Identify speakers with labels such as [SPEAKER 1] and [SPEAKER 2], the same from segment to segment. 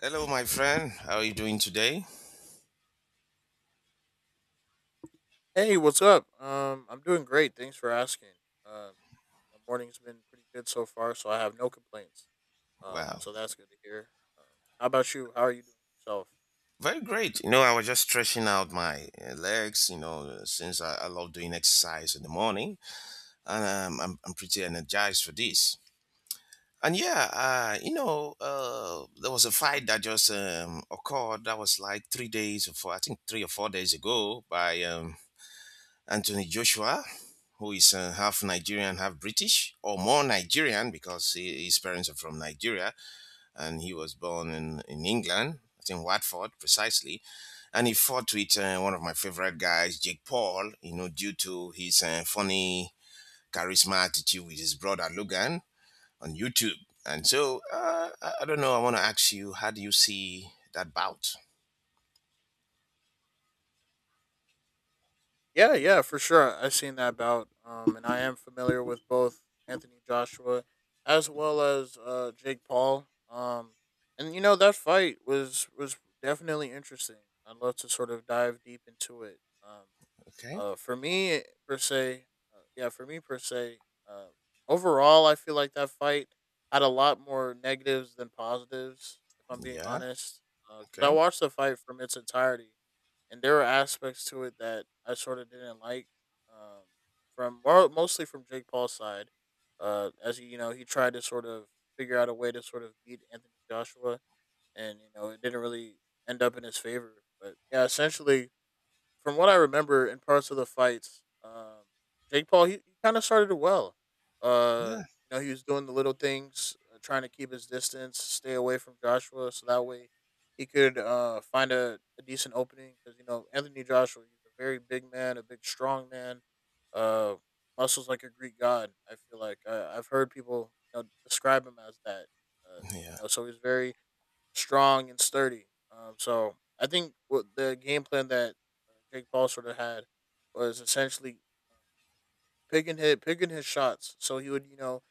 [SPEAKER 1] Hello, my friend. How are you doing today?
[SPEAKER 2] Hey, what's up? I'm doing great. Thanks for asking. Uh, the morning's been pretty good so far, so I have no complaints.
[SPEAKER 1] Wow,
[SPEAKER 2] So that's good to hear. Uh, how about you? How are you doing yourself?
[SPEAKER 1] very great. You know, I was just stretching out my legs, since I love doing exercise in the morning, and I'm pretty energized for this. And yeah, there was a fight that just occurred that was like 3 days or four, I think 3 or 4 days ago by Anthony Joshua, who is half Nigerian, half British, or more Nigerian because his parents are from Nigeria and he was born in England. I think Watford, precisely. And he fought with one of my favorite guys, Jake Paul, due to his funny charisma attitude with his brother Logan on YouTube. And so, I don't know, I want to ask you, how do you see that bout?
[SPEAKER 2] Yeah, yeah, for sure. I've seen that bout, and I am familiar with both Anthony Joshua as well as Jake Paul. And you know that fight was definitely interesting. I'd love to sort of dive deep into it.
[SPEAKER 1] Okay.
[SPEAKER 2] For me per se, yeah, for me per se, uh, overall, I feel like that fight had a lot more negatives than positives, if I'm being
[SPEAKER 1] Yeah.
[SPEAKER 2] honest, because I
[SPEAKER 1] Okay.
[SPEAKER 2] watched the fight from its entirety, and there were aspects to it that I sort of didn't like. Um, Mostly from Jake Paul's side, as he, you know, he tried to sort of figure out a way to sort of beat Anthony Joshua, and you know, it didn't really end up in his favor. But yeah, essentially, from what I remember in parts of the fights, Jake Paul, he kind of started it well. Uh,
[SPEAKER 1] Yeah.
[SPEAKER 2] you know, he was doing the little things, trying to keep his distance, stay away from Joshua, so that way he could find a decent opening. Because you know, Anthony Joshua, he's a very big man, a big strong man, uh, muscles like a Greek god. I feel like I've heard people, you know, describe him as that. Uh,
[SPEAKER 1] Yeah.
[SPEAKER 2] you know, so he's very strong and sturdy. So I think what the game plan that Jake Paul sort of had was essentially picking his shots. So he would, you know,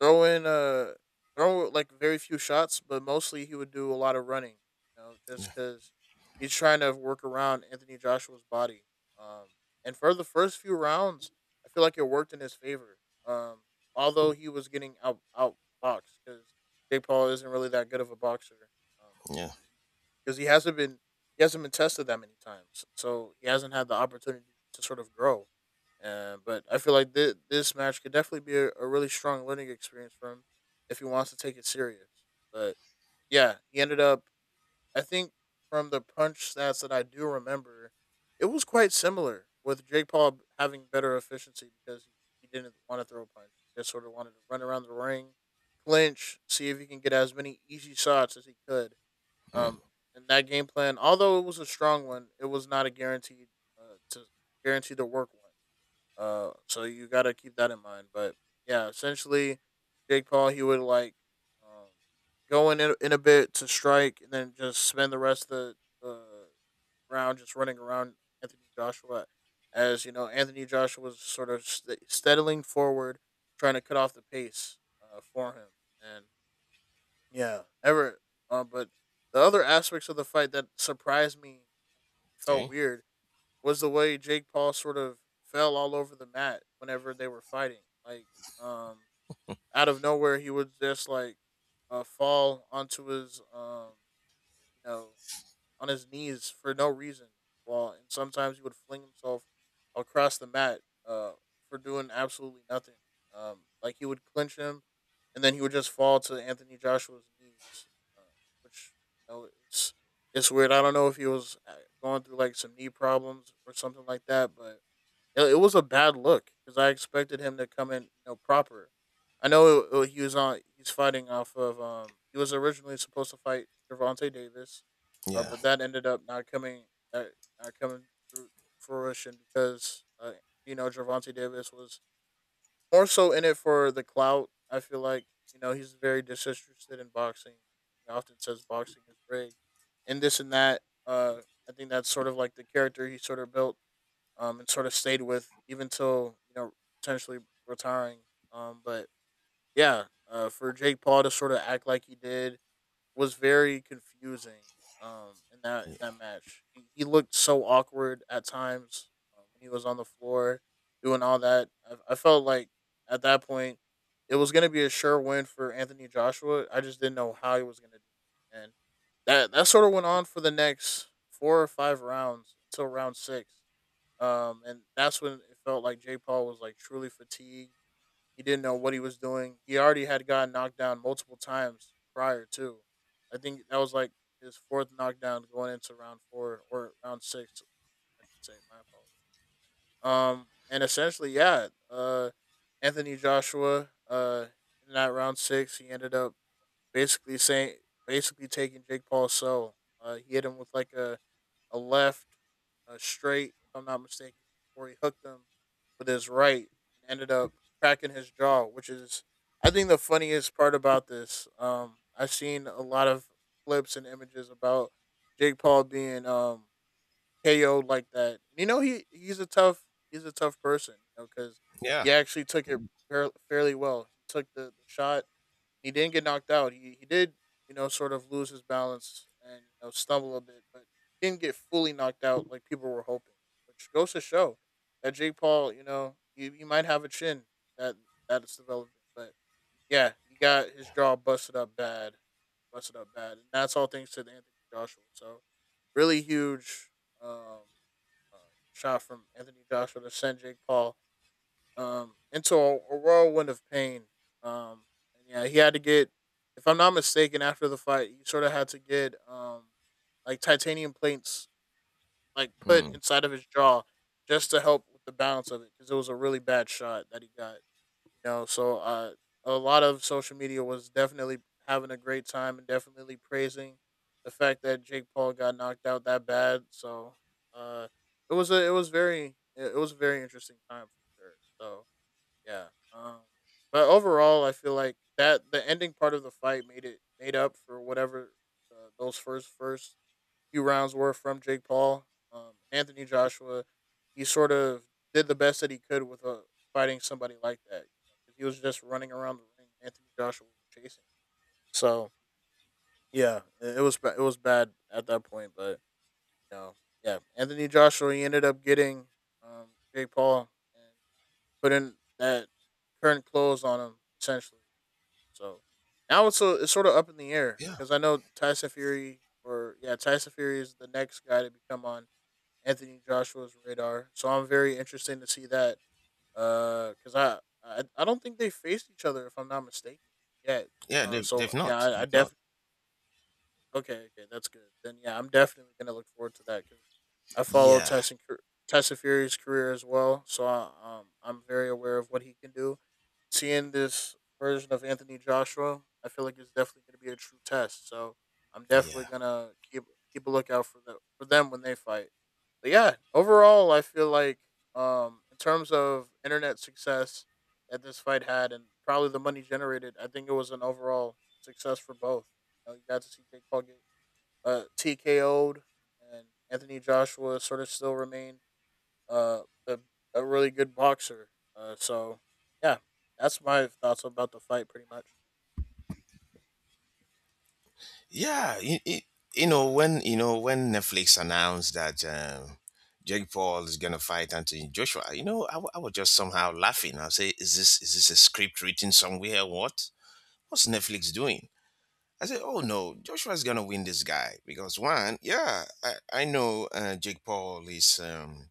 [SPEAKER 2] throw in throw like very few shots, but mostly he would do a lot of running. You know, just
[SPEAKER 1] Yeah.
[SPEAKER 2] because he's trying to work around Anthony Joshua's body. Um, and for the first few rounds, I feel like it worked in his favor. Um, Although he was getting outboxed because Jake Paul isn't really that good of a boxer. Um,
[SPEAKER 1] Yeah.
[SPEAKER 2] because he hasn't been tested that many times, so he hasn't had the opportunity to sort of grow. But I feel like this match could definitely be a really strong learning experience for him if he wants to take it serious. But yeah, he ended up. I think from the punch stats that I do remember, it was quite similar with Jake Paul having better efficiency because he didn't want to throw a punch. He just sort of wanted to run around the ring, clinch, see if he can get as many easy shots as he could,
[SPEAKER 1] Mm.
[SPEAKER 2] um, and that game plan, although it was a strong one, it was not a guaranteed to guarantee to work one. So you got to keep that in mind. But yeah, essentially, Jake Paul he would like, um, go in a bit to strike, and then just spend the rest of the round just running around Anthony Joshua, as you know, Anthony Joshua was sort of steadily forward, trying to cut off the pace for him, and yeah, ever. But the other aspects of the fight that surprised me, felt
[SPEAKER 1] Okay.
[SPEAKER 2] weird, was the way Jake Paul sort of fell all over the mat whenever they were fighting. Like, um, out of nowhere, he would just like fall onto his, you know, on his knees for no reason. Well, and sometimes he would fling himself across the mat uh, for doing absolutely nothing. Like he would clinch him, and then he would just fall to Anthony Joshua's knees, uh, which you know, it's weird. I don't know if he was going through like some knee problems or something like that, but it was a bad look because I expected him to come in, you know, proper. I know he was on. He's fighting off of. He was originally supposed to fight Javante Davis,
[SPEAKER 1] Yeah.
[SPEAKER 2] but that ended up not coming. Not, Not coming through to fruition because you know, Javante Davis was more so in it for the clout. I feel like you know he's very disinterested in boxing. He often says boxing is rigged, and this and that. I think that's sort of like the character he sort of built, and sort of stayed with even till you know potentially retiring. But yeah, for Jake Paul to sort of act like he did was very confusing. In that in
[SPEAKER 1] Yeah.
[SPEAKER 2] that match, he looked so awkward at times when he was on the floor doing all that. I felt like at that point it was going to be a sure win for Anthony Joshua. I just didn't know how he was going to do it, and that sort of went on for the next four or five rounds until round six. And that's when it felt like Jake Paul was like truly fatigued. He didn't know what he was doing. He already had gotten knocked down multiple times prior to. I think that was like his fourth knockdown going into round four or round six, I should say. My apologies. And essentially, yeah, Anthony Joshua, in that round six, he ended up basically saying basically taking Jake Paul's soul. He hit him with like a left, a straight, if I'm not mistaken, or he hooked him with his right and ended up cracking his jaw, which is I think the funniest part about this. I've seen a lot of clips and images about Jake Paul being KO'd like that. You know he's a tough person, you know, because
[SPEAKER 1] Yeah.
[SPEAKER 2] he actually took it fairly well. He took the shot. He didn't get knocked out. He did, you know, sort of lose his balance and you know stumble a bit, but he didn't get fully knocked out like people were hoping. Which goes to show that Jake Paul, you know, he might have a chin that that's developing. But yeah, he got his jaw busted up bad. Busted up bad. And that's all thanks to Anthony Joshua. So really huge, um, uh, shot from Anthony Joshua to send Jake Paul into a whirlwind of pain. Um, and yeah, he had to get, if I'm not mistaken, after the fight, he sort of had to get, like titanium plates like put
[SPEAKER 1] Mm.
[SPEAKER 2] inside of his jaw just to help with the balance of it because it was a really bad shot that he got. You know, so a lot of social media was definitely having a great time and definitely praising the fact that Jake Paul got knocked out that bad. So uh, it was very it was a very interesting time for sure. So yeah. But overall, I feel like that the ending part of the fight made it made up for whatever those first few rounds were from Jake Paul. Anthony Joshua, he sort of did the best that he could with fighting somebody like that. You know, 'cause he was just running around the ring. Anthony Joshua was chasing. So yeah, it was bad at that point. But you know, yeah, Anthony Joshua he ended up getting, Jake Paul, putting that current close on him essentially. So now it's sort of up in the air
[SPEAKER 1] Yeah.
[SPEAKER 2] because I know Tyson Fury or yeah Tyson Fury is the next guy to become on Anthony Joshua's radar. So I'm very interested to see that because I don't think they faced each other, if I'm not mistaken, yet.
[SPEAKER 1] Yeah. They've,
[SPEAKER 2] So
[SPEAKER 1] they've
[SPEAKER 2] yeah,
[SPEAKER 1] not.
[SPEAKER 2] I
[SPEAKER 1] They've not.
[SPEAKER 2] definitely okay, that's good. Then yeah, I'm definitely gonna look forward to that because I follow
[SPEAKER 1] Yeah.
[SPEAKER 2] Tyson Fury's career as well. So I'm very aware of what he can do. Seeing this version of Anthony Joshua, I feel like it's definitely going to be a true test. So I'm definitely
[SPEAKER 1] Yeah.
[SPEAKER 2] gonna keep a lookout for the for them when they fight. But yeah, overall, I feel like in terms of internet success that this fight had, and probably the money generated, I think it was an overall success for both. You know, you got to see Jake Paul get TKO'd, and Anthony Joshua sort of still remained uh, a, a really good boxer. So yeah, that's my thoughts about the fight, pretty much.
[SPEAKER 1] Yeah, you know when Netflix announced that Jake Paul is gonna fight Anthony Joshua, I was just somehow laughing. I say, is this a script written somewhere? What's Netflix doing? I said, oh no, Joshua's gonna win this guy because one, yeah, I know Jake Paul is. Um,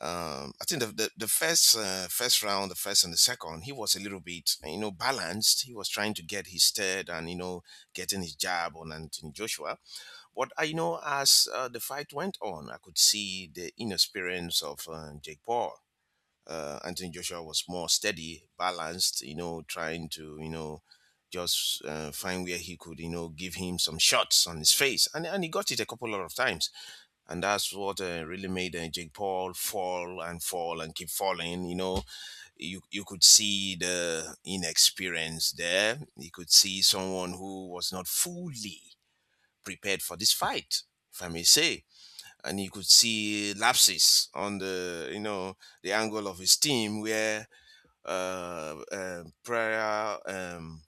[SPEAKER 1] um, I think the first round, the first and the second, he was a little bit balanced. He was trying to get his third and getting his jab on Anthony Joshua, but I know as the fight went on, I could see the inexperience of Jake Paul. Anthony Joshua was more steady, balanced, trying to just find where he could, give him some shots on his face. And he got it a couple of times. And that's what really made Jake Paul fall and fall and keep falling. You know, you could see the inexperience there. You could see someone who was not fully prepared for this fight, if I may say. And you could see lapses on the angle of his team, where Pereira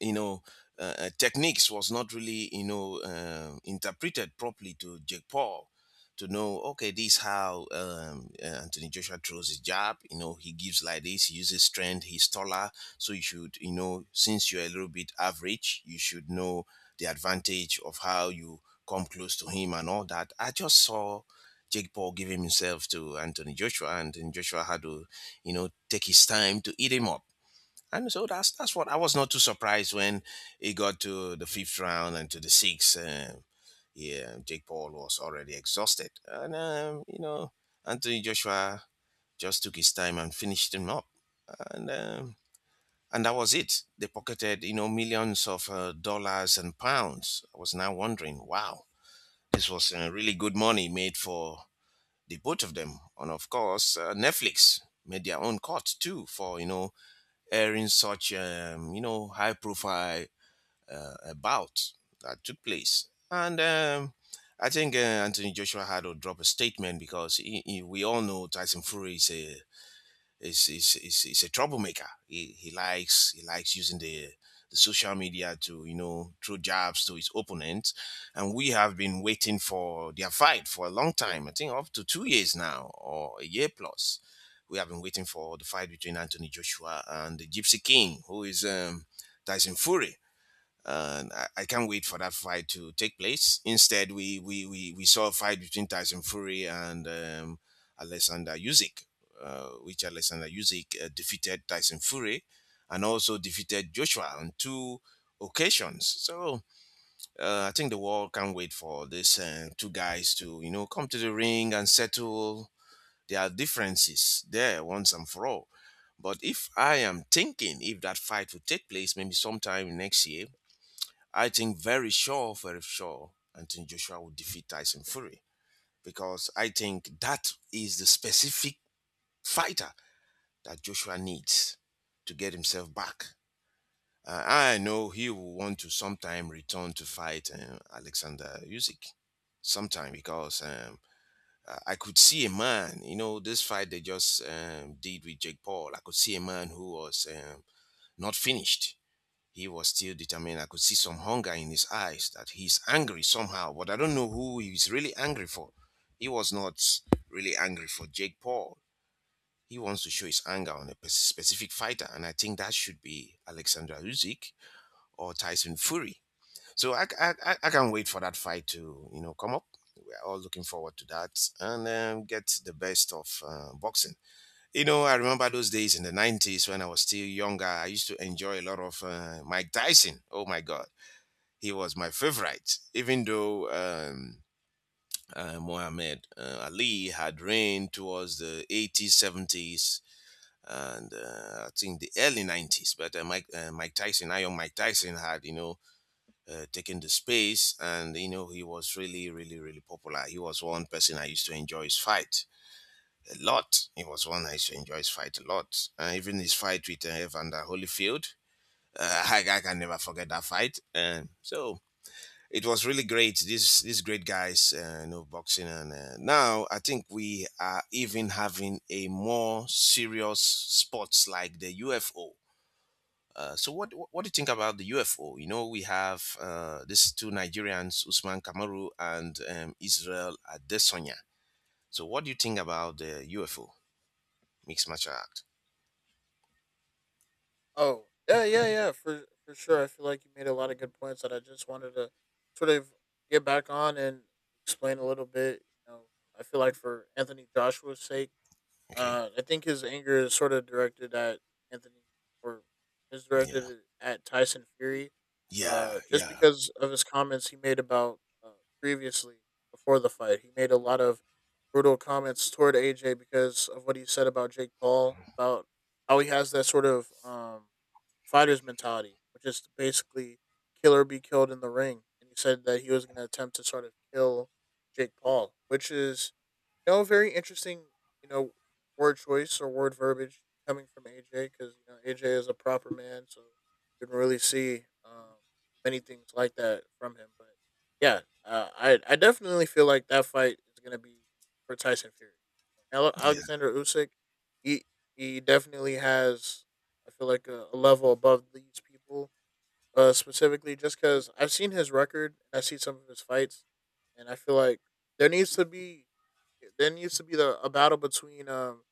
[SPEAKER 1] you know, techniques was not really, interpreted properly to Jake Paul to know, okay, this is how Anthony Joshua throws his jab. You know, he gives like this, he uses strength, he's taller. So you should, since you're a little bit average, you should know the advantage of how you come close to him and all that. I just saw Jake Paul giving himself to Anthony Joshua, and Anthony Joshua had to take his time to eat him up, and so that's what. I was not too surprised when he got to the fifth round and to the sixth. Yeah, Jake Paul was already exhausted, and Anthony Joshua just took his time and finished him up, and um, and that was it. They pocketed millions of dollars and pounds. I was now wondering, wow, this was really good money made for the both of them, and of course Netflix made their own cut too for airing such high profile about that took place. And I think Anthony Joshua had to drop a statement because we all know Tyson Fury is a is, is a troublemaker. He likes using the social media to throw jabs to his opponents, and we have been waiting for their fight for a long time. I think up to 2 years now, or a year plus. We have been waiting for the fight between Anthony Joshua and the Gypsy King, who is Tyson Fury, and I can't wait for that fight to take place. Instead, we saw a fight between Tyson Fury and Alexander Usyk, which Alexander Usyk defeated Tyson Fury, and also defeated Joshua on two occasions. So I think the world can't wait for these two guys to come to the ring and settle their differences there once and for all. But if I am thinking, if that fight will take place maybe sometime next year, I think very sure, very sure, Anthony Joshua will defeat Tyson Fury, because I think that is the specific fighter that Joshua needs to get himself back. I know he will want to sometime return to fight Alexander Usyk sometime, because I could see a man, this fight they just did with Jake Paul. I could see a man who was not finished. He was still determined. I could see some hunger in his eyes that he's angry somehow, but I don't know who he's really angry for. He was not really angry for Jake Paul. He wants to show his anger on a specific fighter, and I think that should be Alexander Usyk or Tyson Fury. So I can't wait for that fight to come up. We're all looking forward to that, and get the best of boxing. You know, I remember those days in the 90s when I was still younger. I used to enjoy a lot of Mike Tyson. Oh my God, he was my favorite, even though Muhammad Ali had reigned towards the 80s, 70s, and I think the early 90s. But Mike Tyson, Iron Mike Tyson, had taken the space, and he was really, really, really popular. He was one person I used to enjoy his fight a lot. He was one I used to enjoy his fight a lot, even his fight with Evander Holyfield. I can never forget that fight. So it was really great. These great guys, boxing, and now I think we are even having a more serious sports like the UFO. So what do you think about the UFO? You know, we have these two Nigerians, Usman Kamaru and Israel Adesanya. So what do you think about the UFO mixed martial art?
[SPEAKER 2] Oh yeah, yeah, yeah, for sure. I feel like you made a lot of good points that I just wanted to sort of get back on and explain a little bit. You know, I feel like for Anthony Joshua's sake,
[SPEAKER 1] Okay.
[SPEAKER 2] I think his anger is sort of directed at Anthony, or is
[SPEAKER 1] Yeah.
[SPEAKER 2] directed at Tyson Fury,
[SPEAKER 1] Yeah.
[SPEAKER 2] just
[SPEAKER 1] Yeah.
[SPEAKER 2] because of his comments he made about uh, previously before the fight. He made a lot of brutal comments toward AJ because of what he said about Jake Paul, about how he has that sort of fighter's mentality, which is to basically kill or be killed in the ring. And he said that he was going to attempt to sort of kill Jake Paul, which is no, very interesting, you know, word choice or word verbiage coming from AJ because, you know, AJ is a proper man. So you can really see many things like that from him. But yeah, I definitely feel like that fight is going to be for Tyson Fury. Ale-
[SPEAKER 1] Yeah.
[SPEAKER 2] Alexander Usyk, he, he definitely has, I feel like, a level above these people, specifically just because I've seen his record and I see some of his fights. And I feel like there needs to be there needs to be the a battle between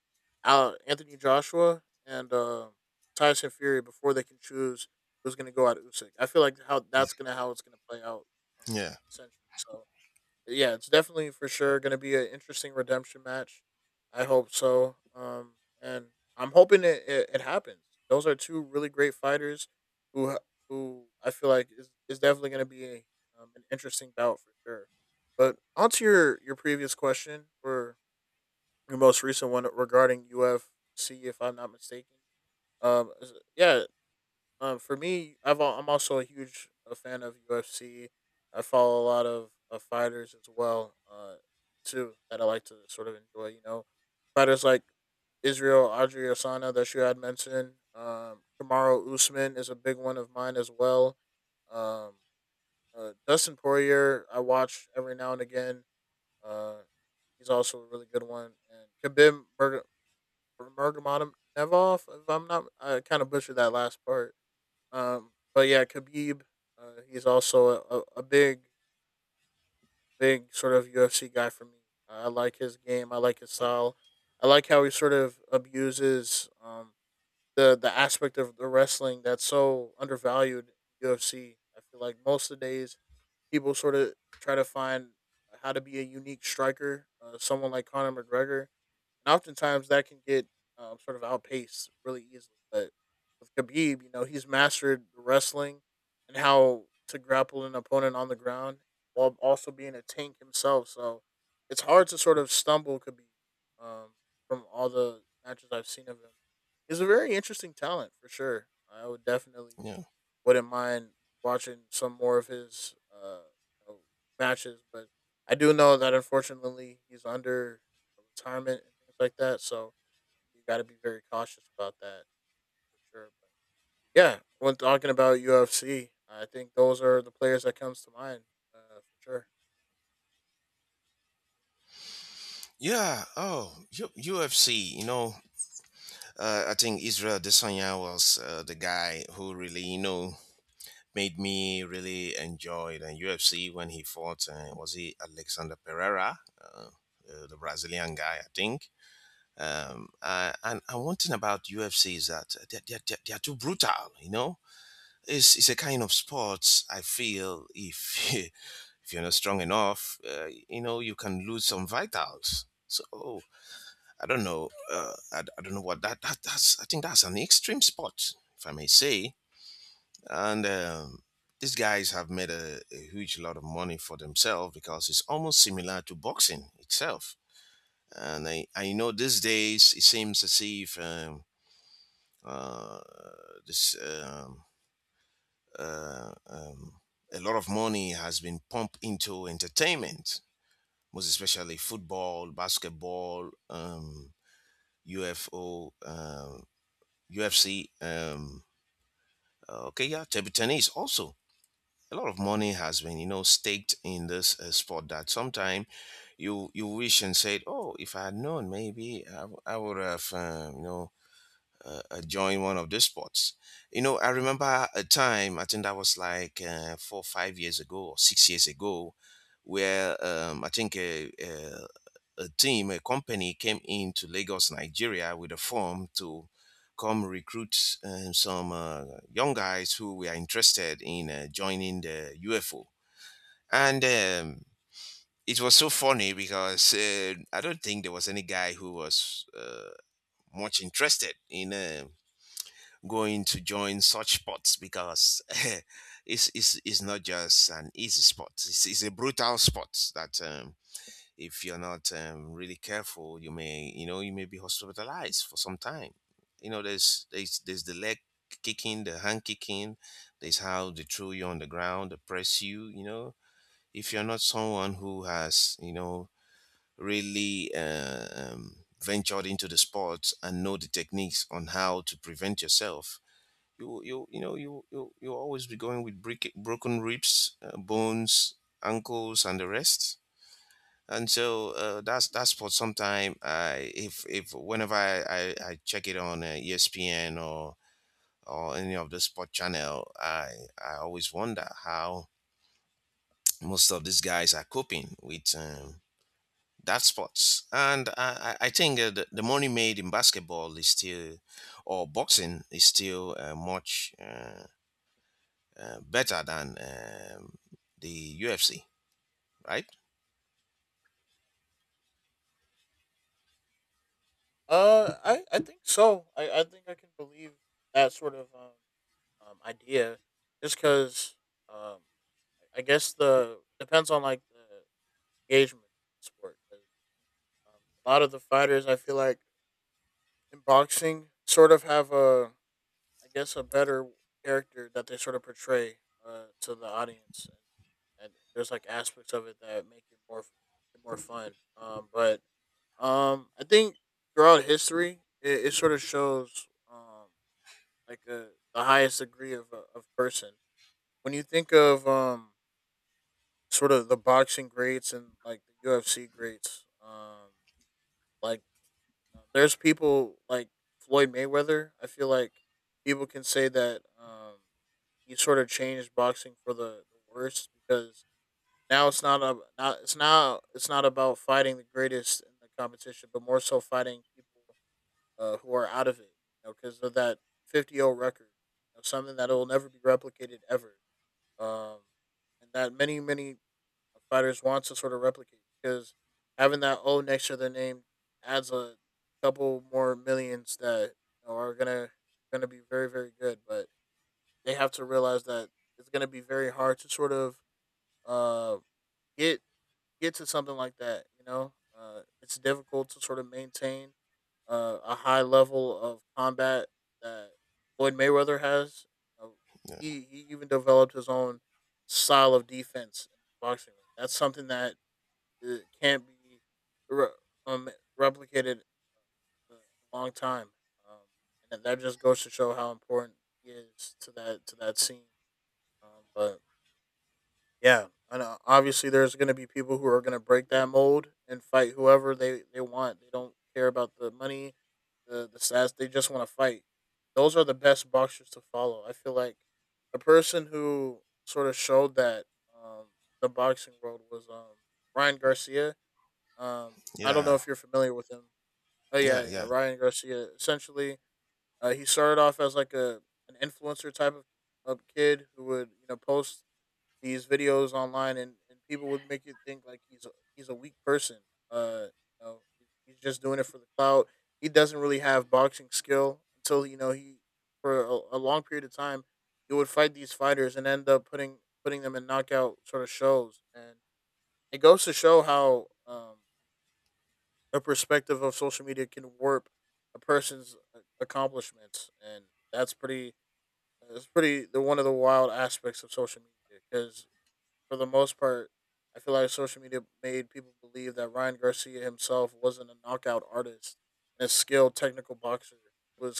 [SPEAKER 2] Anthony Joshua and Tyson Fury before they can choose who's going to go at Usyk. I feel like
[SPEAKER 1] Yeah.
[SPEAKER 2] how it's going to play out, uh,
[SPEAKER 1] Yeah.
[SPEAKER 2] essentially. So yeah, it's definitely for sure going to be an interesting redemption match. I hope so. And I'm hoping it happens. Those are two really great fighters who ha- who I feel like is definitely going to be an interesting bout for sure. But on to your previous question or your most recent one regarding UFC, if I'm not mistaken. Yeah, for me, I'm also a huge a fan of UFC. I follow a lot of fighters as well, too that I like to sort of enjoy. You know, fighters like Israel Audrey Osana that you had mentioned. Kamaru Usman is a big one of mine as well. Um, Dustin Poirier I watch every now and again. Uh, he's also a really good one. And Khabib Nurmagomedov, if I'm not, I kind of butchered that last part, but yeah, Khabib, he's also a big, big sort of UFC guy for me. I like his game. I like his style. I like how he sort of abuses the aspect of the wrestling that's so undervalued in UFC. I feel like most of the days, people sort of try to find how to be a unique striker. Someone like Conor McGregor, and oftentimes that can get sort of outpaced really easily. But with Khabib, you know, he's mastered the wrestling and how to grapple an opponent on the ground while also being a tank himself. So it's hard to sort of stumble Khabib, um, from all the matches I've seen of him. He's a very interesting talent for sure. I would definitely
[SPEAKER 1] Yeah.
[SPEAKER 2] wouldn't mind watching some more of his you know, matches, but I do know that unfortunately he's under retirement and things like that, so you got to be very cautious about that for sure. But yeah, when talking about UFC, I think those are the players that comes to mind, for sure.
[SPEAKER 1] Yeah. Oh, UFC. You know, I think Israel Adesanya was the guy who really, made me really enjoy the UFC when he fought. Was he Alexander Pereira, the Brazilian guy, I think. And one thing about UFC is that they're too brutal. It's a kind of sport I feel, if if you're not strong enough, you can lose some vitals. So I don't know. I don't know what that's. I think that's an extreme sport, if I may say. And these guys have made a huge lot of money for themselves, because it's almost similar to boxing itself. And I know these days it seems as if uh, this uh, um, a lot of money has been pumped into entertainment, most especially football, basketball, UFO. UFC. Okay, yeah, table tennis also. A lot of money has been, staked in this sport, that sometime you wish and said, oh, if I had known, maybe I would have joined one of these sports. You know, I remember a time, I think that was like 4, 5 years ago or 6 years ago, where I think a team, a company came into Lagos, Nigeria with a form to come recruit some young guys who were interested in joining the UFO. And it was so funny because I don't think there was any guy who was much interested in going to join such sports, because it's not just an easy sport, it's a brutal sport that. If you're not really careful, you may be hospitalized for some time. You know, there's the leg kicking, the hand kicking. There's how they throw you on the ground, they press you. You know, if you're not someone who has really ventured into the sport and know the techniques on how to prevent yourself. You know you you you'll always be going with brick, broken ribs, bones, ankles, and the rest, and so that's for some time. I if whenever I check it on ESPN or any of the sport channel, I always wonder how most of these guys are coping with that sports. And I think the money made in basketball is still, or boxing is still much better than the UFC, right?
[SPEAKER 2] I think so. I think I can believe that sort of idea, just because um I guess the depends on like the engagement sport. Um, A lot of the fighters, I feel like, in boxing, sort of have a, I guess, a better character that they sort of portray to the audience, and there's like aspects of it that make it more, more fun. But I think throughout history, it sort of shows like a, the highest degree of a of person. When you think of sort of the boxing greats and like the UFC greats, like there's people like Floyd Mayweather. I feel like people can say that he sort of changed boxing for the worse because now it's not a not it's now it's not about fighting the greatest in the competition, but more so fighting people, who are out of it. You know, because of that 50-0 record, you know, something that will never be replicated ever. Um, and that, many fighters want to sort of replicate because having that O next to their name adds a couple more millions that, you know, are gonna be very very good, but they have to realize that it's gonna be very hard to sort of uh, get get to something like that. You know, it's difficult to sort of maintain a high level of combat that Floyd Mayweather has. Uh,
[SPEAKER 1] Yeah,
[SPEAKER 2] he even developed his own style of defense in the boxing ring. That's something that it can't be re- um replicated in a long time. Um, and that just goes to show how important he is to that scene. But yeah, and obviously there's going to be people who are going to break that mold and fight whoever they want. They don't care about the money, the stats. They just want to fight. Those are the best boxers to follow. I feel like a person who sort of showed that, um, the boxing world was, Ryan Garcia, I don't know
[SPEAKER 1] yeah,
[SPEAKER 2] if you're familiar with him. Oh yeah,
[SPEAKER 1] yeah.
[SPEAKER 2] yeah,
[SPEAKER 1] Yeah.
[SPEAKER 2] Ryan Garcia. Essentially, he started off as like a an influencer type of kid who would you know post these videos online, and people would make you think like he's a weak person. Uh, you know, he's just doing it for the clout. He doesn't really have boxing skill until you know he, for a long period of time, he would fight these fighters and end up putting them in knockout sort of shows, and it goes to show how a perspective of social media can warp a person's accomplishments, and that's pretty. That's pretty the one of the wild aspects of social media because for the most part, I feel like social media made people believe that Ryan Garcia himself wasn't a knockout artist and a skilled technical boxer, was